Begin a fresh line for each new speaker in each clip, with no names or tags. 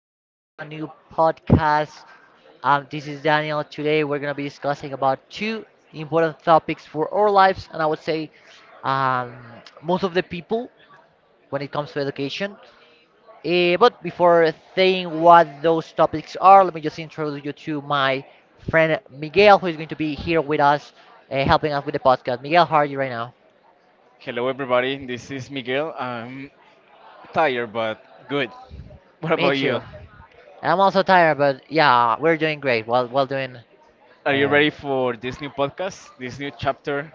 Welcome to a new podcast. This is Daniel. Today, we're going to be discussing about two important topics for our lives, and I would say um, most of the people when it comes to education. But before saying what those topics are, let me just introduce you to my friend Miguel, who is going to be here with us, helping us with the podcast. Miguel, how are you right now?
Hello, everybody. This is Miguel. I'm tired, but good. What
Me
about
too.
you?
I'm also tired, but yeah, we're doing great. While doing.
Are you
Um,
ready for this new podcast, this new chapter?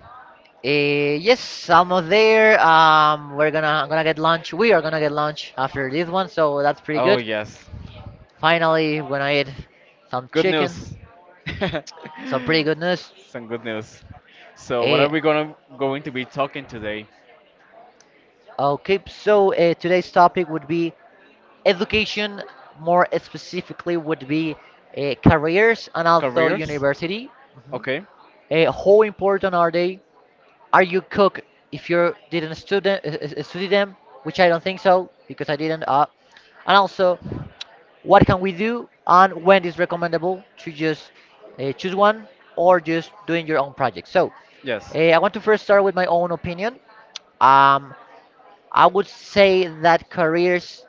Yes, almost there. We're gonna I'm gonna get lunch. We are gonna get lunch after this one, so that's pretty
Oh,
good.
yes.
Finally, we're gonna eat some
Good
chicken.
news.
So pretty good news.
Some good news. So, what are
Eh,
we gonna going to be talking today?
okay, so today's topic would be education. More specifically, would be careers and also
Careers?
university. Mhm.
Okay.
How important are they? Are you cook if you didn't student study them? Which I don't think so because I didn't. And also, what can we do, and when is recommendable to just choose one, or just doing your own project? So
Yes.
I want to first start with my own opinion. um, I would say that careers,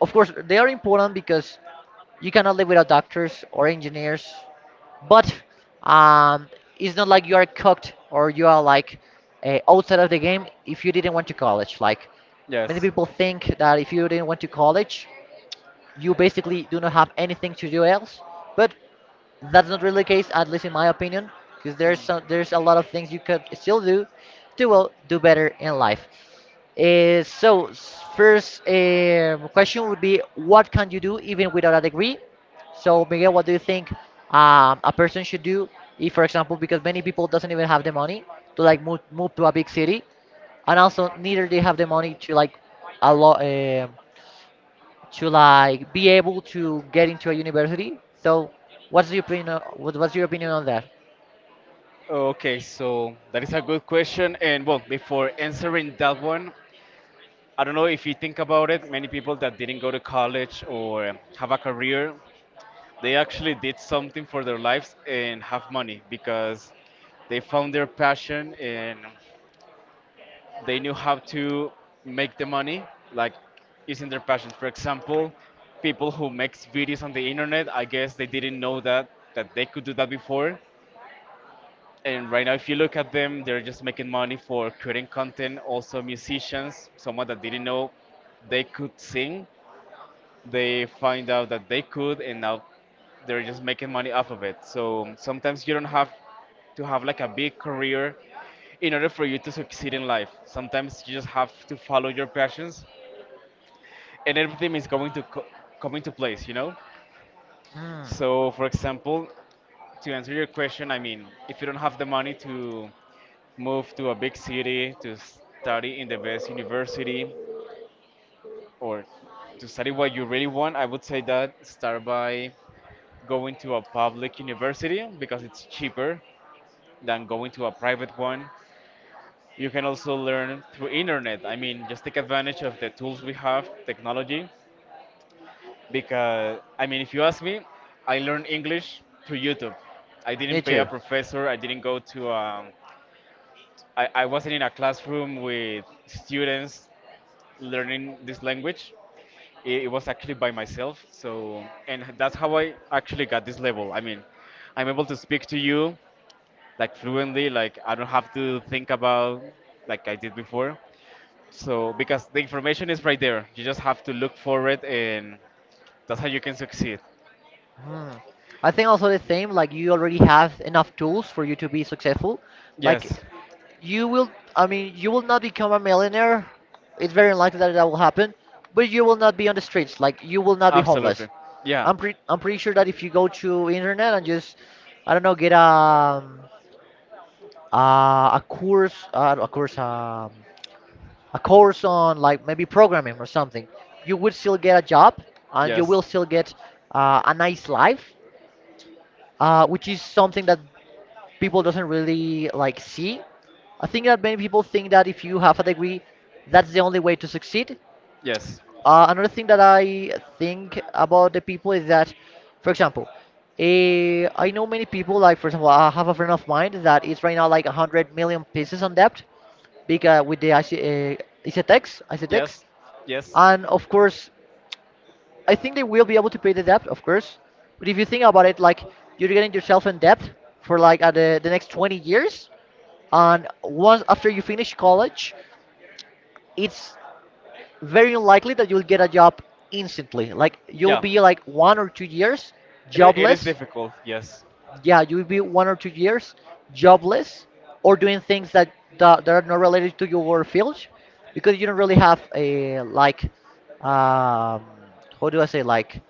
of course they are important, because you cannot live without doctors or engineers. But um, it's not like you are cooked or you are like outside of the game if you didn't went to college. Like many
Yes.
people think that if you didn't went to college, you basically do not have anything to do else. But that's not really the case, at least in my opinion, because
Hmm.
there's a lot of things you could still do to well do better in life. So first question would be, what can you do even without a degree? So Miguel, what do you think a person should do if, for example, because many people doesn't even have the money to like move to a big city, and also neither they have the money to like a lot, to like be able to get into a university. So, what's your opinion? What's your opinion on that?
Okay, so that is a good question. And well, before answering that one, I don't know if you think about it, many people that didn't go to college or have a career, they actually did something for their lives and have money because they found their passion and they knew how to make the money, like using their passions. For example, people who makes videos on the internet, I guess they didn't know that they could do that before, and right now if you look at them, they're just making money for creating content. Also musicians, someone that didn't know they could sing, they find out that they could, and now they're just making money off of it. So sometimes you don't have to have like a big career in order for you to succeed in life. Sometimes you just have to follow your passions and everything is going to come into place, you know.
Hmm.
So for example, to answer your question, I mean, if you don't have the money to move to a big city, to study in the best university, or to study what you really want, I would say that start by going to a public university because it's cheaper than going to a private one. You can also learn through internet. I mean, just take advantage of the tools we have, technology, because I mean, if you ask me, I learned English through YouTube. I
Me
didn't pay a
too.
professor. I didn't go to. I wasn't in a classroom with students learning this language. It was actually by myself. So, and that's how I actually got this level. I mean, I'm able to speak to you like fluently. Like I don't have to think about like I did before. So because the information is right there, you just have to look for it, and that's how you can succeed.
Hmm. I think also the same. Like you already have enough tools for you to be successful.
Yes.
Like you will. I mean, you will not become a millionaire. It's very unlikely that that will happen. But you will not be on the streets. Like you will not be homeless.
Absolutely. Yeah.
I'm pretty sure that if you go to internet and just, I don't know, get a uh, a course, uh, a course, um, a course on like maybe programming or something, you would still get a job and you will
Yes.
still get a nice life, which is something that people doesn't really like see. I think that many people think that if you have a degree, that's the only way to succeed.
Yes.
Another thing that I think about the people is that, for example, I know many people. Like for example, I have a friend of mine that is right now like 100 million pieces on debt because with the ICTX,
Yes. Yes.
and of course I think they will be able to pay the debt, of course. But if you think about it, like you're getting yourself in debt for like the next 20 years, and once after you finish college, it's very unlikely that you'll get a job instantly. Like you'll
Yeah.
be like 1 or 2 years
It is
jobless.
difficult. Yes.
Yeah, you'll be 1 or 2 years jobless, or doing things that that are not related to your field, because you don't really have a like um how do I say, like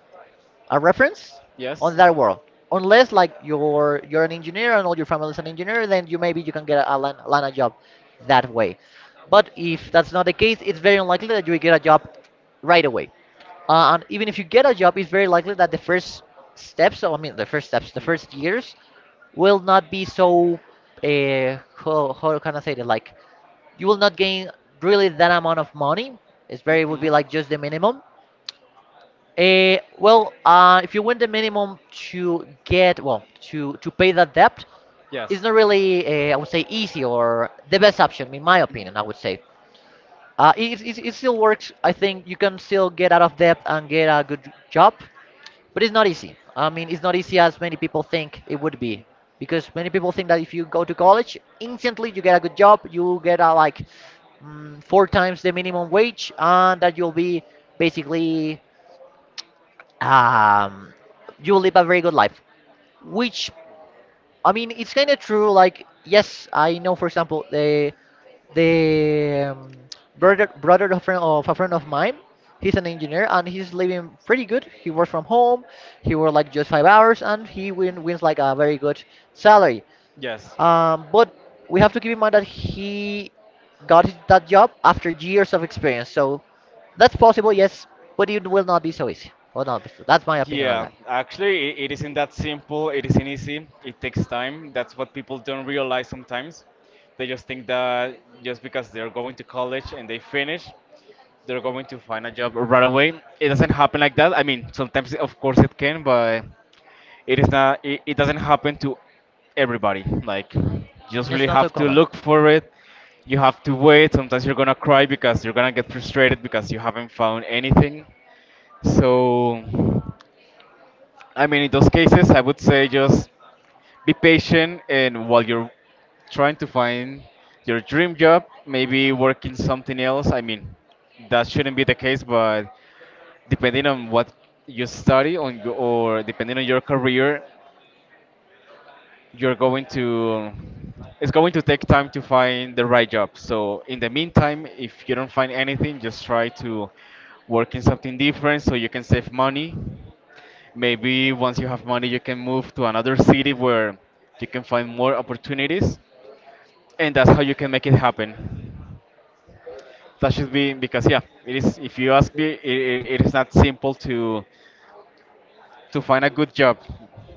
a reference on
Yes.
that world. Unless like you're an engineer and all your family is an engineer, then you maybe you can get a line of job that way. But if that's not the case, it's very unlikely that you will get a job right away. And even if you get a job, it's very likely that the first steps, the first years will not be
Hmm.
so. How can I say that? Like you will not gain really that amount of money. It's very would
Hmm.
be like just the minimum. If you win the minimum to get, well, to pay that debt, it's
Yes.
not really, I would
Mhm.
say, easy or the best option, in my opinion. I would say, it it still works. I think you can still get out of debt and get a good job, but it's not easy. I mean, it's not easy as many people think it would
Mm.
be, because many people think that if you go to college, instantly you get a good job, you get a like four times the minimum wage, and that you'll be basically um, you will live a very good life. Which I mean, it's kind of true. Like, yes, I know. For example, the brother friend, of a friend of mine. He's an engineer and he's living pretty good. He works from home. He works like just 5 hours and he wins like a very good salary.
Yes.
But we have to keep in mind that he that job after years of experience. So that's possible, yes, but it will not be so easy. Well, not, that's my opinion on
Yeah,
that.
actually, it isn't that simple. It isn't easy. It takes time. That's what people don't realize sometimes. They just think that just because they're going to college and they finish, they're going to find a job right away. It doesn't happen like that. I mean, sometimes, of course, it can, but it is not it, it doesn't happen to everybody. Like you just
Mm, it's
really
not so
have to
common.
look for it. You have to wait. Sometimes you're gonna cry because you're gonna get frustrated because you haven't found anything. So I mean, in those cases, I would say just be patient, and while you're trying to find your dream job, maybe working something else. I mean, that shouldn't be the case, but depending on what you study on your, or depending on your career, you're going to, it's going to take time to find the right job. So in the meantime, if you don't find anything, just try to work in something different so you can save money. Maybe once you have money, you can move to another city where you can find more opportunities, and that's how you can make it happen. That should be, because yeah, it is, if you ask me, it is not simple to find a good job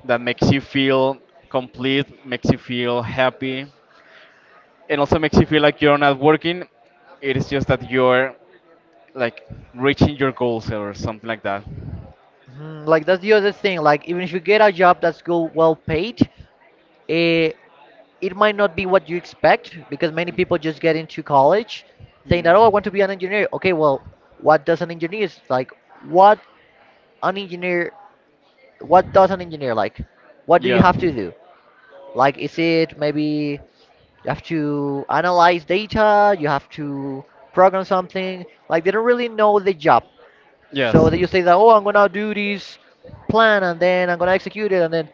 that makes you feel complete, makes you feel happy, and also makes you feel like you're not working. It is just that you're like reaching your goals or something like that.
Mhm, like that's the other thing. Like even if you get a job that's go well paid, eh, it might not be what you expect because many people just get into college, saying that, oh, I
Mm.
want to be an engineer. Okay, well what does an engineer is like? What an engineer? What does an engineer like? What do you
Yeah.
have to do? Like is it maybe you have to analyze data? You have to program something? Like they don't really know the job.
Yes.
So that you say that, oh, I'm gonna do this plan and then I'm gonna execute it and then,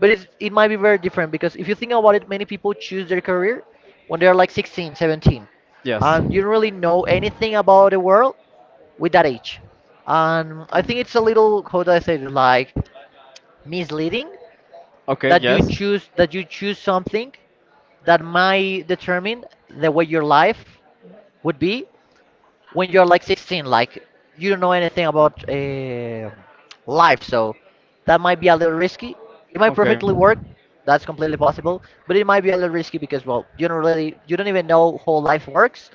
but it's, it might be very different because if you think about it, many people choose their career when they're like 16, 17.
Yes.
And you
Mm.
don't really know anything about the world with that age. And I think it's a little, how do I say it, like misleading
Okay,
that
yes.
you choose something that might determine the way your life would be when you're like 16. Like you don't know anything about life, so that might be a little risky. It might
Okay.
perfectly work, that's completely possible, but it might be a little risky because well you don't really, you don't even know how life works.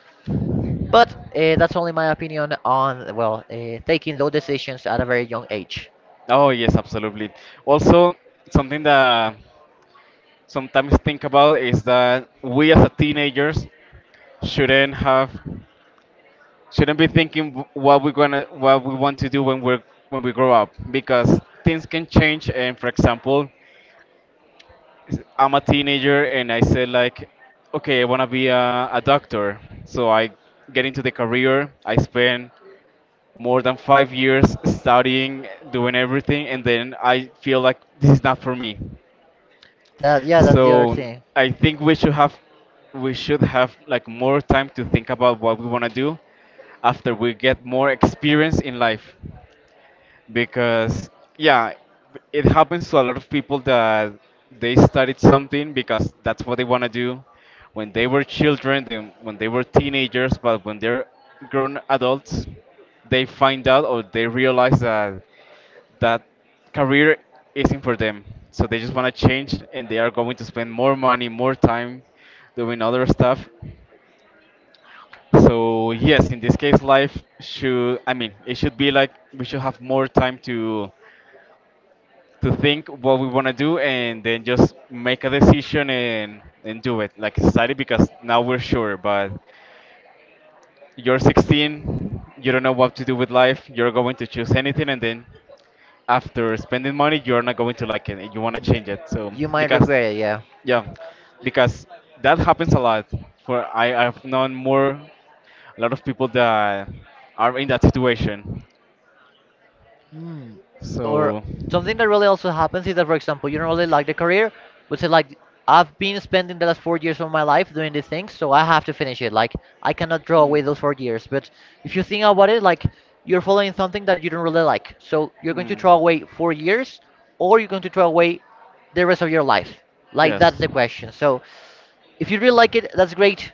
But that's only my opinion on well taking low decisions at a very young age.
Oh yes, absolutely. Also, something that sometimes think about is that we, as a teenagers, shouldn't have shouldn't be thinking what we want to do when we're when we grow up, because things can change. And for example, I'm a teenager and I said like, okay, I wanna be a doctor. So I get into the career. I spend more than 5 years studying, doing everything, and then I feel like this is not for me.
That, yeah, that's the other
So
thing.
I think we should have like more time to think about what we want to do after we get more experience in life, because yeah, it happens to a lot of people that they studied something because that's what they want to do when they were children, then when they were teenagers, but when they're grown adults, they find out or they realize that that career isn't for them, so they just want to change and they are going to spend more money, more time doing other stuff. So yes, in this case, life should, I mean, it should be like we should have more time to think what we want to do, and then just make a decision and do it like a society. Because now we're sure, but you're 16, you don't know what to do with life, you're going to choose anything, and then after spending money, you're not going to like it and you want to
Mhm.
change it. So
You might
because
regret it, yeah.
yeah, because that happens a lot. For I've known more a lot of people that are in that situation.
Mm. Or
So
something that really also happens is that, for example, you don't really like the career, but say like I've been spending the last 4 years of my life doing these things, so I have to finish it. Like I cannot draw away those 4 years. But if you think about it, like you're following something that you don't really like, so you're going to
Mm.
throw
Mm.
away 4 years, or you're going to throw away the rest of your life. Like
Yes.
that's the question. So if you really like it, that's great.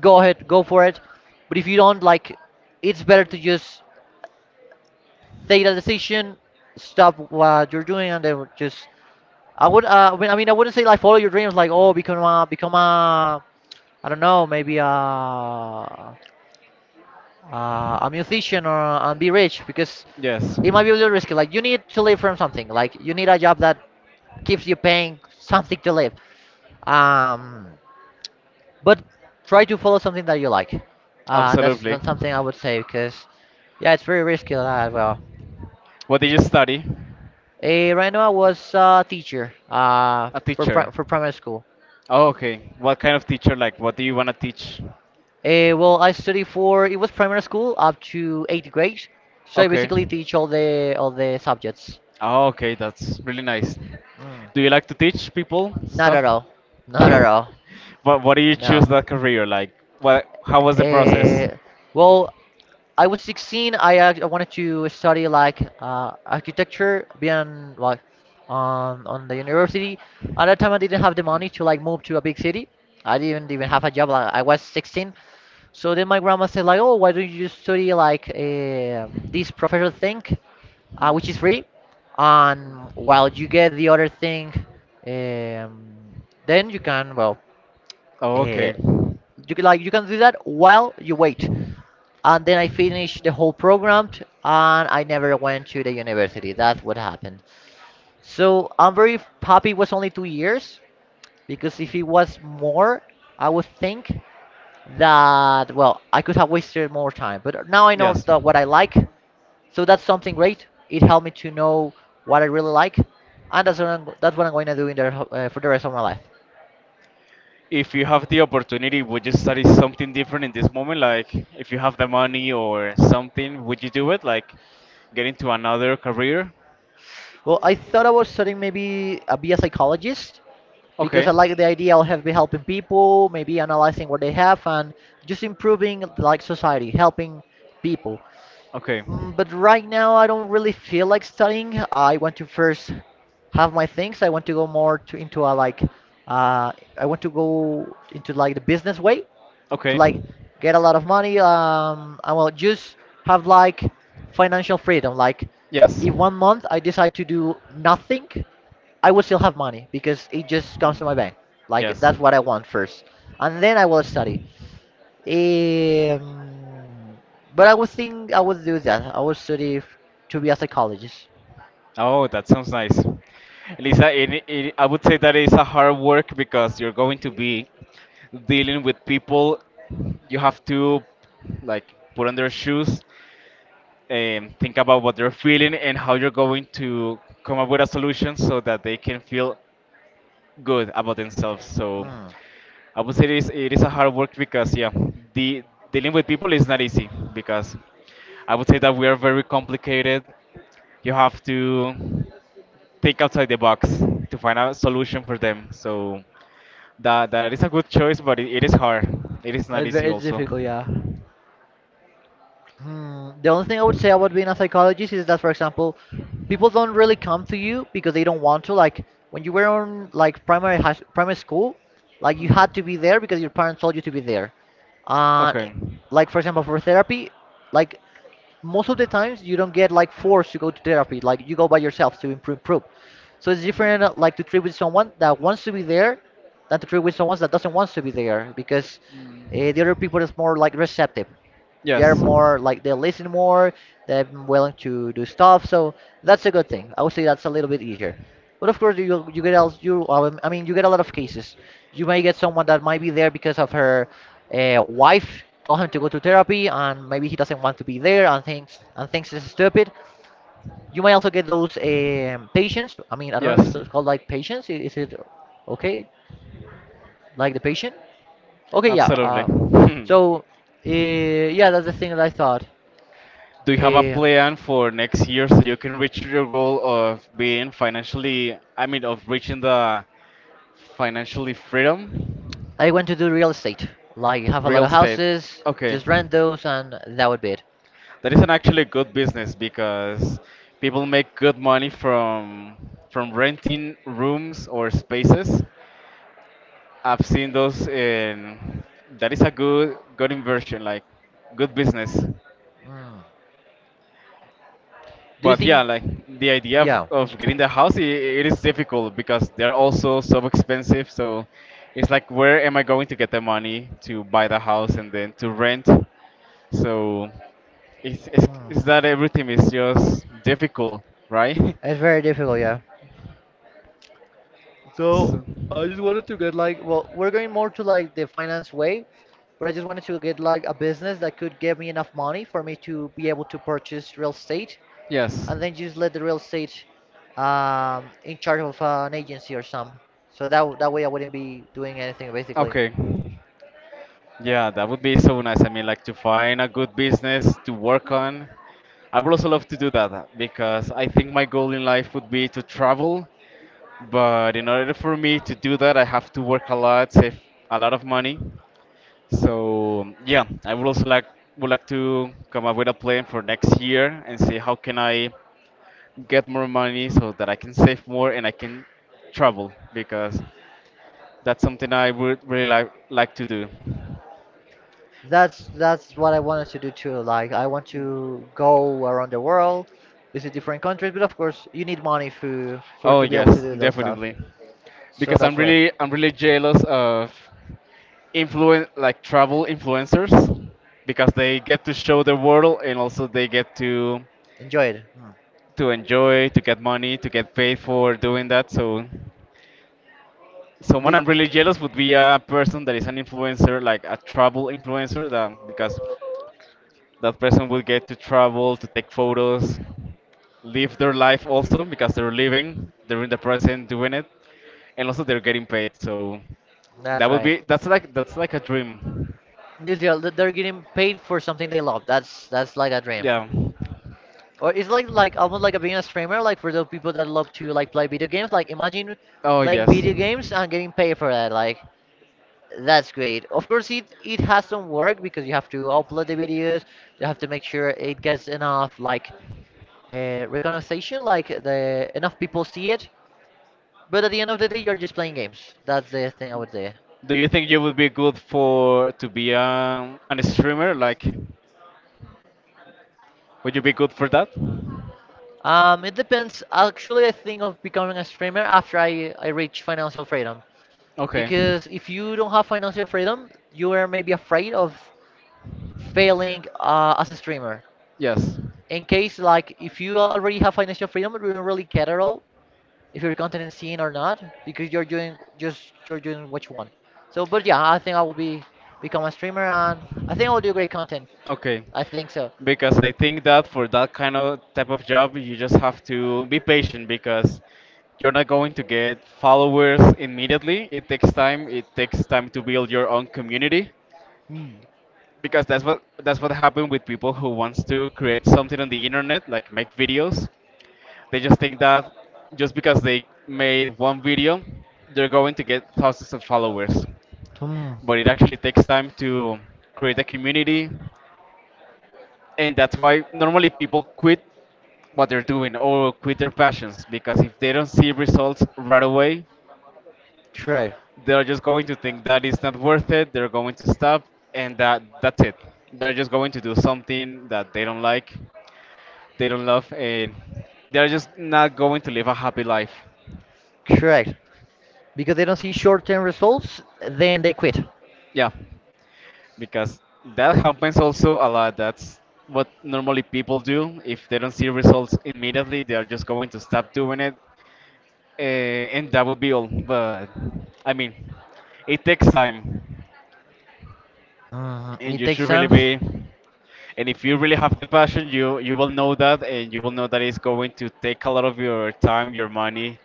Go ahead, go for it. But if you don't like, it's better to just take the decision, stop what you're doing, and then just. I mean, I wouldn't say like follow your dreams, like oh, become a, I don't know, maybe a musician or and be rich, because
Yes.
it might be a little risky. Like you need to live from something. Like you need a job that keeps you paying something to live. Um, but try to follow something that you like.
Absolutely.
That's something I would say because yeah, it's very risky that well.
What did you study?
Right now I was a teacher
A teacher.
for primary school.
Oh, okay. What kind of teacher? Like, what do you want to teach?
Well, I study for it was primary school up to eighth grade, so I
Okay.
basically teach all the subjects.
Oh, okay. That's really nice.
Mm.
Do you like to teach people
Not at
stuff?
all. Not at all.
But why do you choose
No.
that career? Like, what? How was the process?
Eh, well, I was 16. I wanted to study like architecture, being like on the university. At that time, I didn't have the money to like move to a big city. I didn't even
Hmm.
have a job. Like, I was 16. So then my grandma said like, "Oh, why don't you just study like
Hmm.
this professional thing, which is
Mm.
free, and while you
Mm.
get the other thing, um, then you can
Oh,
uh,
okay.
you can, like you can do that while you wait." And then I finished the whole program, and I never went to the university. That's what happened. So I'm very happy it was only 2 years, because if it was more, I would think that, well, I could have wasted more time. But now I know
Yes.
that what I like. So that's something great. It helped me to know what I really like. And that's what I'm going to do for the rest of my life.
If you have the opportunity, would you study something different in this moment? Like, if you have the money or something, would you do it? Like, get into another career?
Well, I thought I was studying maybe be a psychologist, because
Okay.
I like the idea of have be helping people, maybe analyzing what they have and just improving like society, helping people.
Okay.
Mm. But right now I don't really feel like studying. I want to first have my things. I want to go more to into a like I want to go into like the business way to
Okay.
like get a lot of money. I will just have like financial freedom. Like,
Yes.
if 1 month I decide to do nothing, I will still have money because it just comes
Mm.
to my bank. Like,
Yes.
that's what I want first, and then I will study, um, but I would think I would do that. I would study to be a psychologist.
Oh, that sounds nice. Lisa, I would say that is a hard work because you're going to be dealing with people. You have to like put on their shoes, think about what they're feeling and how you're going to come up with a solution so that they can feel good about themselves. So
Mm.
I would say it is a hard work because yeah, the dealing with people is not easy because I would say that we are very complicated. You have to think outside the box to find a solution for them. So that is a good choice, but it is hard. It is not
It's
easy
very, it's
also.
difficult, yeah. Hmm, the only thing I would say about being a psychologist is that, for example, people don't really come to you because they don't want to. Like, when you were on like primary school, like, you
Mm.
had to be there because your parents told you to be there. Uh, like for example, for therapy, like most of the times you don't get like forced to go to therapy. Like, you go by yourself to improve. So it's different, like, to treat with someone that wants to be there than to treat with someone that doesn't want to be there, because the other people is more like receptive. They're
Yes.
more like, they listen more, they're willing to do stuff, so that's a good thing. I would say that's a little bit easier. But of course, you get else you I mean, you get a lot of cases. You may get someone that might be there because of her wife told him to go to therapy and maybe he doesn't want to be there and thinks it's stupid. You may also get those patients. I mean, I don't know if
Yes.
it's called like patients, is it okay, like the patient? Okay, yeah.
Absolutely.
So yeah, that's the thing that I thought.
Do you have a
uh,
plan for next year so you can reach your goal of being financially, I mean, of reaching the financially freedom?
I want to do real estate. Like, have a lot
Real
of
estate.
houses,
Okay.
just rent those, and that would be it.
That is an actually good business because people make good money from renting rooms or spaces. I've seen those in, that is a good inversion, like good business.
Hmm. Do you
But
think?
yeah, like the idea
Yeah.
of getting the house, I it is difficult because they're also so so expensive. So it's like, where am I going to get the money to buy the house and then to rent? So
Hmm.
it's that everything is just difficult, right?
It's very difficult, yeah. So
So,
I just wanted to get like, well, we're going more to like the finance way, but I just wanted to get like a business that could give me enough money for me to be able to purchase real estate,
yes.
and then just let the real estate in charge of an agency or some. So that that way I wouldn't be doing anything basically.
Okay. Yeah, that would be so nice. I mean, like to find a good business to work on. I would also love to do that because I think my goal in life would be to travel. But in order for me to do that, I have to work a lot, save a lot of money. So yeah, I would also like would like to come up with a plan for next year and see how can I get more money so that I can save more and I can travel, because that's something I would really like to do.
That's what I wanted to do too. Like, I want to go around the world, visit different countries, but of course you need money for
Oh
to be able to
yes,
do those stuff.
definitely.
So
Because
that's why.
I'm really jealous of influen, like travel influencers, because they get to show the world and also they get
Enjoy it. Hmm.
to enjoy, to get money, to get paid for doing that. So, someone
The-
I'm really jealous would be a person that is an influencer, like a travel influencer, that, because that person would get to travel, to take photos, live their life also, because they're living, they're in the present doing it, and also they're getting paid. So,
that's
that would
right.
be that's like a dream.
New Zealand, they're getting paid for something they love. That's like a dream.
Yeah.
Or it's like almost like a being a streamer, like for those people that love to like play video games. Like, imagine
Oh
playing
yes.
video games and getting paid for that. Like, that's great. Of course, it has some work because you have to upload the videos. You have to make sure it gets enough like recognition, like, the enough people see it. But at the end of the day, you're just playing games. That's the thing I would say.
Do you think you would be good for to be an streamer? Like, would you be good for that?
It depends. Actually, I think of becoming a streamer after I reach financial freedom.
Okay.
Because if you don't have financial freedom, you are maybe afraid of failing as a streamer.
Yes.
In case like, if you already have financial freedom, you don't really care at all if your content is seen or not, because you're doing what you want. So, but yeah, I think I will be become a streamer, and I think I will do great content.
Okay,
I think so.
because I think that for that kind of type of job, you just have to be patient because you're not going to get followers immediately. It takes time. It takes time to build your own community
Hmm.
because that's what happened with people who wants to create something on the internet, like make videos. They just think that just because they made one video, they're going to get thousands of followers.
Hmm.
But it actually takes time to create a community, and that's why normally people quit what they're doing or quit their passions because if they don't see results right away,
Correct.
they're just going to think that it's not worth it. They're going to stop, and that's it. They're just going to do something that they don't like, they don't love, and they're just not going to live a happy life.
Correct. Because they don't see short-term results, then they quit.
Yeah, because that happens also a lot. That's what normally people do. If they don't see results immediately, they're just going to stop doing it. Uh, and that would be all. But I mean, it takes time,
Mm,
and
it
you
takes
should really
time.
be. And if you really have the passion, you will know that, and you will know that it's going to take a lot of your time, your money,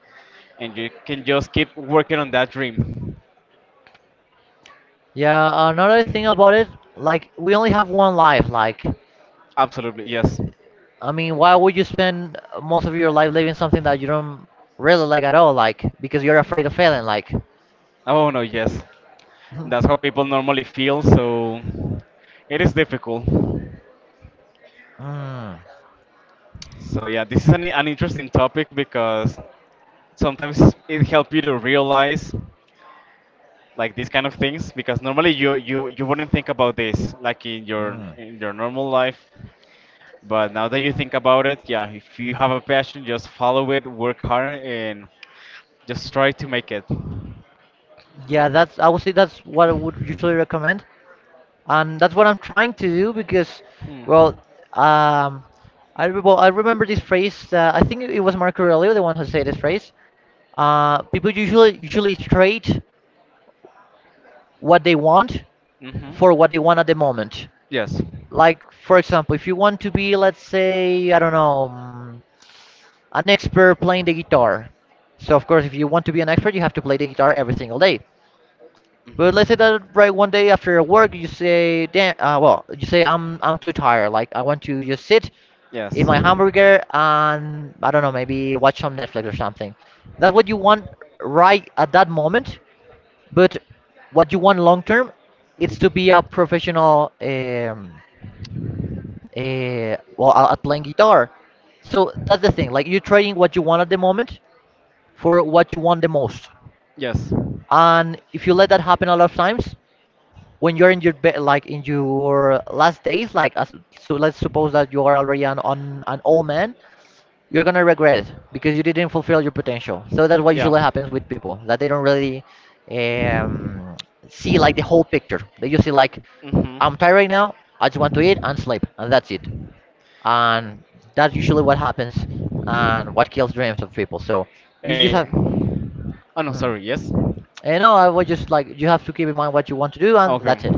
and you can just keep working on that dream.
Yeah, another thing about it, like, we only have one life. Like,
Absolutely, yes.
I mean, why would you spend most of your life living something that you don't really like at all? Like, because you're afraid of failing. Like,
Oh no, yes.
Mhm.
That's how people normally feel. So it is difficult.
Mm.
So yeah, this is an interesting topic because sometimes it helps you to realize. Like these kind of things, because normally you wouldn't think about this like in your
Mm.
in your normal life, but now that you think about it, yeah, if you have a passion, just follow it, work hard, and just try to make it. Mm.
Yeah, that's, I would say that's what I would usually recommend, and that's what I'm trying to do because, well,
Hmm.
um, well, I remember this phrase. I think it was Marco Aurelio, the one who said this phrase. People usually trade what they want
Mhm.
for what they want at the moment.
Yes.
Like, for example, if you want to be, let's say, I don't know, mm, an expert playing the guitar. So, of course, if you want to be an expert, you have to play the guitar every single day. But let's say
Mhm.
that right one day after work, you say, "Damn, you say I'm too tired. Like, I want to just sit,
Yes.
eat my hamburger, and I don't know, maybe watch some Netflix or something." That's what you want right at that moment. But what you want long term, it's to be a professional well, at playing guitar. So that's the thing. Like, you're trading what you want at the moment for what you want the most.
Yes.
And if you let that happen a lot of times, when you're in your like in your last days, like as, so let's suppose that you are already an on an old man, you're gonna regret it because you didn't fulfill your potential. So that's what
Yeah.
usually happens with people, that they don't really um, see like the whole picture. They just see like,
Mhm.
"I'm tired right now. I just want to eat and sleep, and that's it," and that's usually what happens and what kills dreams of people. So you
And
just have,
oh no,
hmm,
sorry. Yes.
you know, I would just like, you have to keep in mind what you want to do, and
Okay.
that's it.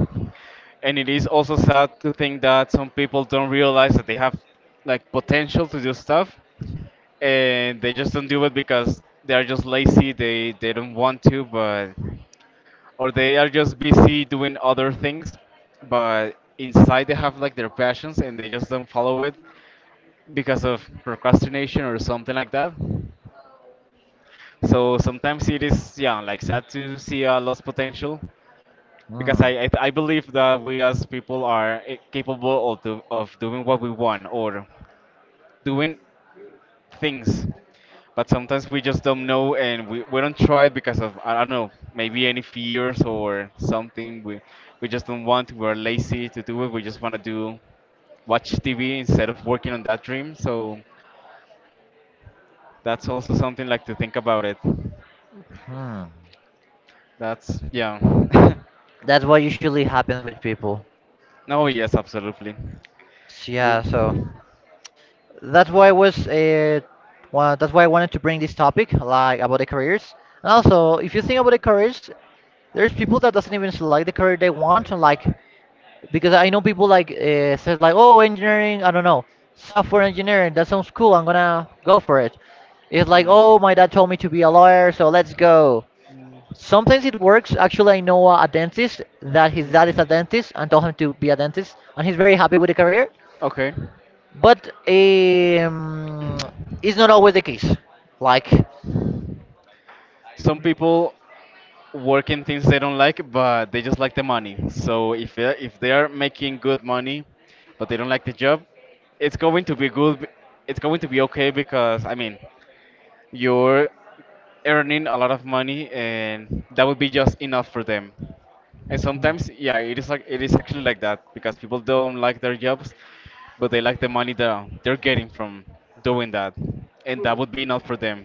And it is also sad to think that some people don't realize that they have like potential to do stuff, and they just don't do it because they are just lazy, they don't want to, but or they are just busy doing other things, but inside they have like their passions and they just don't follow it because of procrastination or something like that. So sometimes it is, yeah, like sad to see a lost potential, because
Hmm.
I believe that we as people are capable of doing what we want, or doing things, but sometimes we just don't know and we don't try it because of, I don't know, maybe any fears or something. We just don't want, we're lazy to do it, we just want to do watch TV instead of working on that dream. So that's also something like to think about it.
Hmm.
That's yeah.
That's what usually happens with people.
No, yes, absolutely.
So,
We,
yeah. So
yeah.
that's why I was that's why I wanted to bring this topic, like, about the careers. And also, if you think about the careers, there's people that doesn't even select the career they want. Like, because I know people like says like, "Oh, engineering, I don't know, software engineering. That sounds cool. I'm gonna go for it." It's like, "Oh, my dad told me to be a lawyer, so let's go." Sometimes it works. Actually, I know a dentist that his dad is a dentist and told him to be a dentist, and he's very happy with the career.
Okay.
But it's not always the case. Like,
Some people. Work in things they don't like, but they just like the money. So if they are making good money, but they don't like the job, it's going to be good. It's going to be okay because you're earning a lot of money, and that would be just enough for them. And sometimes, yeah, it is like it is actually like that because people don't like their jobs, but they like the money that they're getting from doing that, and that would be enough for them.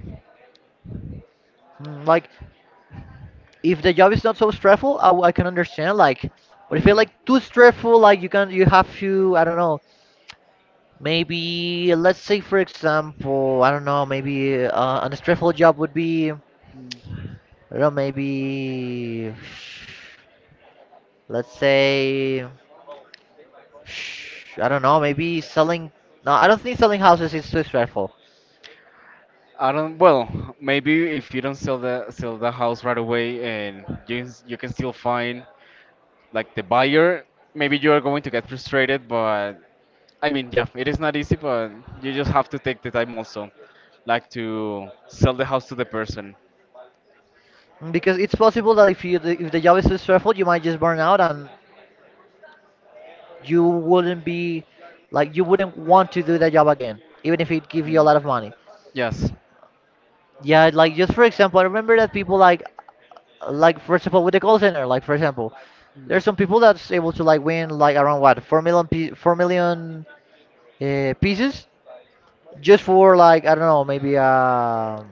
mm, like, if the job is not so stressful, I can understand. Like, but if it's
Hmm.
like too stressful, like, you have to, I don't know, maybe, let's say for example, I don't know, maybe a stressful job would be, I don't know, maybe, let's say, I don't know, maybe selling. No, I don't think selling houses is too stressful,
I don't. Well, maybe if you don't sell the house right away, and you s- you can still find like the buyer. Maybe you are going to get frustrated, but yeah, it is not easy, but you just have to take the time also, like to sell the house to the person.
because it's possible that if you, if the job is too stressful, you might just burn out and you wouldn't be like, you wouldn't want to do that job again, even if it give you a
Hmm.
lot of money.
Yes.
Yeah, like, just for example, I remember that people like for example with the call center, like for example
Mm.
there's some people that's able to like win like around what 4 million 4 million pieces just for like, I don't know, maybe a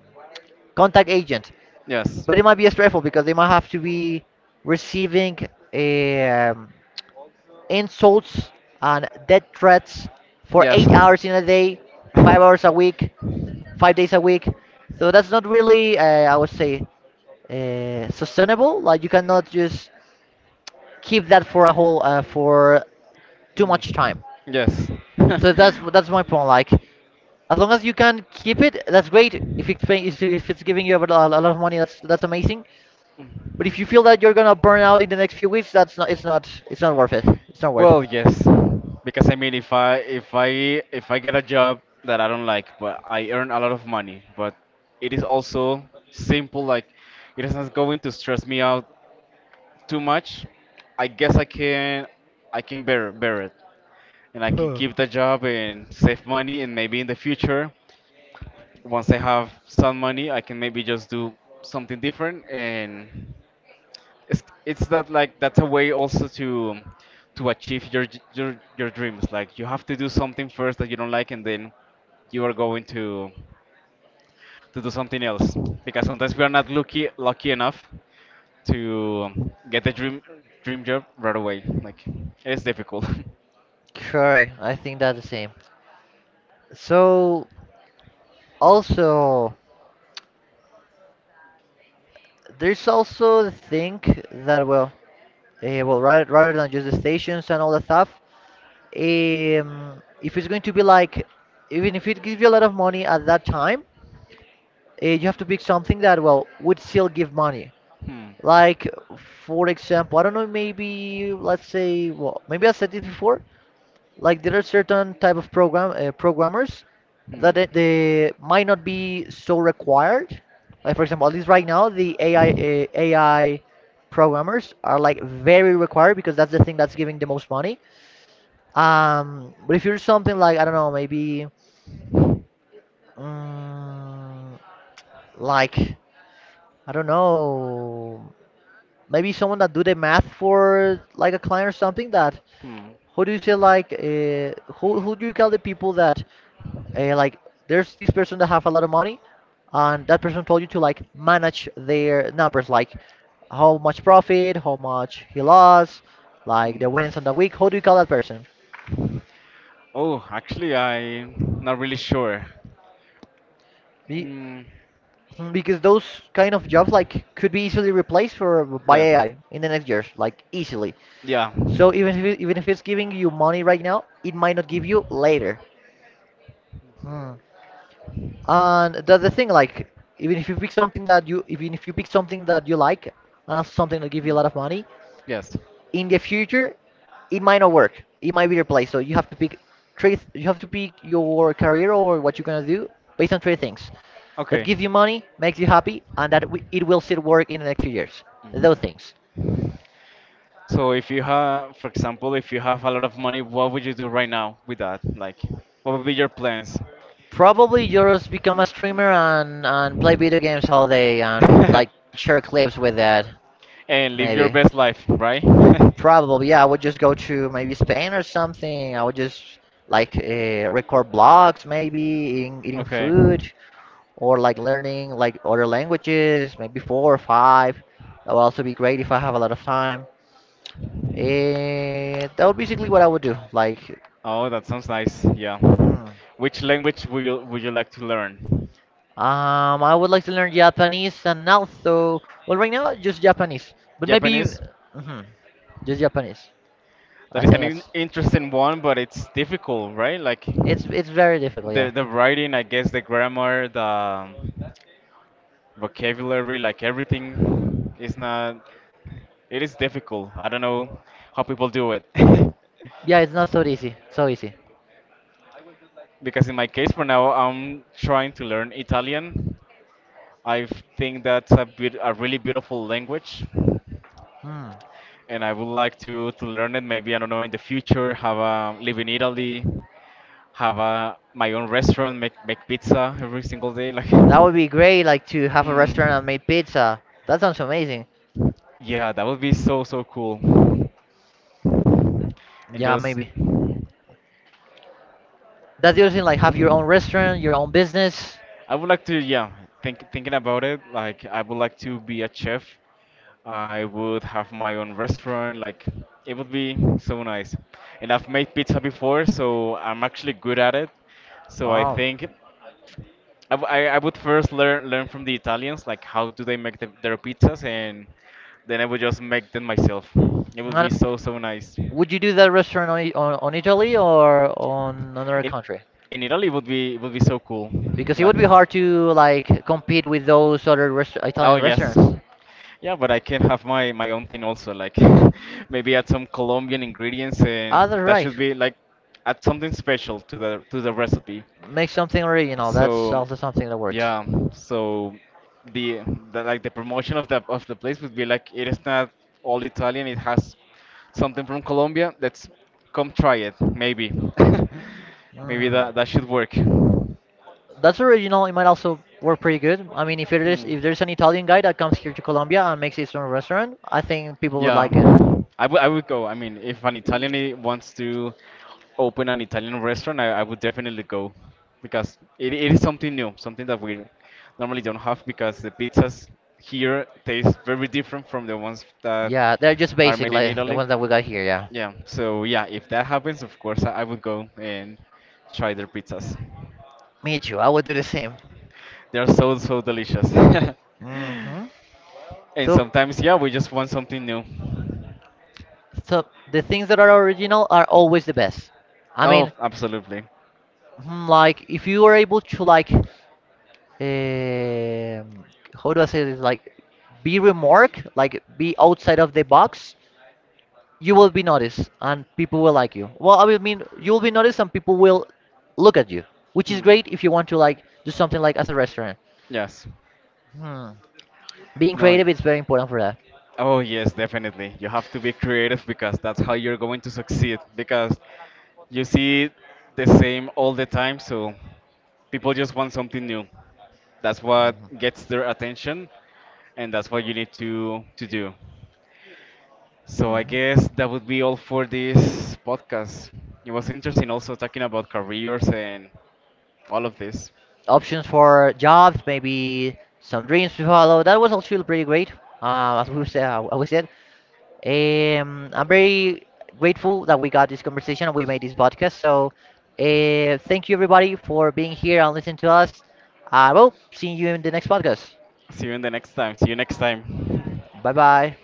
contact agent.
Yes.
But it might be stressful because they might have to be receiving um, insults and death threats for
Yes.
8
Mm.
hours in a day, 5 hours a week, 5 days a week. So that's not really I would say sustainable. Like, you cannot just keep that for a whole for too much time.
Yes.
So that's my point. Like, as long as you can keep it, that's great. If it's paying, if it's giving you a lot of money, that's amazing. But if you feel that you're gonna burn out in the next few weeks, that's not it's not it's not worth it. It's not worth it.
Well, yes. Because if I get a job that I don't like, but I earn a lot of money, but it is also simple. Like it is not going to stress me out too much. I guess I can bear it. And I can
Huh.
keep the job and save money, and maybe in the future, once I have some money, I can maybe just do something different. And it's that, like that's a way also to achieve your j- your dreams. Like you have to do something first that you don't like, and then you are going to do something else because sometimes we are not lucky enough to get a dream job right away. Like it's difficult.
Correct. I think that's the same. So also, there's also the thing that well, rather than just the stations and all that stuff. If it's going to be like, even if it gives you a lot of money at that time, you have to pick something that, well, would still give money.
Hmm. Hmm.
Like, for example, I don't know, maybe, let's say, well, maybe I said this before, like there are certain type of programmers
Hmm.
that they might not be so required. Like, for example, at least right now, the AI programmers are like very required because that's the thing that's giving the most money. But if you're something like I don't know, maybe um, like I don't know, maybe someone that do the math for like a client or something that who do you say like who do you call the people that like there's this person that have a lot of money, and that person told you to like manage their numbers, like how much profit, how much he lost, like
Hmm.
the winnings on the week. How do you call that person?
Oh, actually, I'm not really sure.
Y-
Hmm.
Mm, because those kind of jobs like could be easily replaced for by
Yeah.
AI in the next years, like easily.
Yeah.
So even if it, even if it's giving you money right now, it might not give you later. Hmm. And that's the thing, like even if you pick something that you like and that's something that give you a
Mm.
lot of money,
Yes.
in the future it might not work, it might be replaced. So you have to pick you have to pick your career or what you're going to do based on three things: that give
Okay.
you money, makes you happy, and that it will still work in the next few years,
Mm.
those things.
So if you have, for example, if you have a lot of money, what would you do right now with that? Like, what would be your plans?
Probably yours become a streamer and play video games all day and like share clips with that.
And live your
Maybe.
best life, right?
Probably yeah, I would just go to maybe Spain or something. I would just like record blogs, maybe eating
Okay.
food, or like learning like other languages, maybe four or five. That would also be great if I have a lot of time. Eh, that would basically what I would do. Like,
Oh, that sounds nice. Yeah.
hmm.
Which language would you like to learn?
I would like to learn Japanese and also, well, right now just Japanese, but maybe,
Japanese?
mhm, just Japanese. I
That is
think
an in
that's
interesting one, but it's difficult, right? Like
it's very difficult. Yeah,
the writing, I guess, the grammar, the vocabulary, like everything is not. It is difficult. I don't know how people do it.
yeah, it's not so easy. So easy.
Because in my case, for now, I'm trying to learn Italian. I think that's a bit a really beautiful language.
Hmm.
And I would like to learn it. Maybe, I don't know, in the future have a live in Italy, have a my own restaurant, make pizza every single day. Like,
That would be great, like to have a
hmm.
restaurant and make pizza. That sounds amazing.
Yeah, that would be so so cool, and
Yeah,
just.
maybe. That's the other thing. Like, have your own restaurant, your own business.
I would like to, yeah, thinking about it, like I would like to be a chef. I would have my own restaurant, like it would be so nice. And I've made pizza before, so I'm actually good at it. So I
Oh.
think I, w- I would first learn from the Italians, like how do they make the, their pizzas, and then I would just make them myself. It would be
Not-
so, so nice.
would you do that restaurant on, on Italy or on another country?
In Italy, it would be so cool.
Because it
Like.
would be hard to like compete with those other
Oh
Italian
yes.
restaurants.
Yeah, but I can have my my own thing also. Like maybe add some Colombian ingredients,
Ah,
and
that's
that
right.
should be like add something special to the recipe.
Make something original. That's
So
also something that works.
yeah, so the, the like the promotion of the place would be like it is not all Italian. It has something from Colombia. Let's come try it. Maybe maybe
Mm.
that should work.
That's original. It might also work pretty good. I mean, if it is,
Hmm.
if there's an Italian guy that comes here to Colombia and makes his own restaurant, I think people would
Yeah,
like it.
I would go. I mean, if an Italian I- wants to open an Italian restaurant, I would definitely go because it is something new, something that we normally don't have because the pizzas here taste very different from the ones that
Yeah, they're just
are
basic,
made in
like the
Italy.
ones that we got here. Yeah.
Yeah, so yeah, if that happens, of course, I would go and try their pizzas.
Me too. I would do the same.
They are so so delicious.
Hmm.
And
So,
sometimes, yeah, we just want something new.
so the things that are original are always the best. I
Oh,
mean,
absolutely.
mm, like if you are able to like, how do I say this? Like, be remark, like be outside of the box. You will be noticed, and people will like you. Well, I will mean you will be noticed, and people will look at you, which is
Hmm.
great if you want to like do something like as a restaurant.
Yes.
Hmm. Being
No, yeah.
creative is very important for that.
Oh, yes, definitely. You have to be creative because that's how you're going to succeed. Because you see the same all the time, so people just want something new. That's what gets their attention, and that's what you need to do. So I
Hmm.
guess that would be all for this podcast. It was interesting also talking about careers and all of this.
Options for jobs, maybe some dreams to follow. That was actually pretty great. As we said, I'm very grateful that we got this conversation and we made this podcast. So, thank you everybody for being here and listening to us. I will see you in the next podcast.
See you in the next time. See you next time.
Bye bye.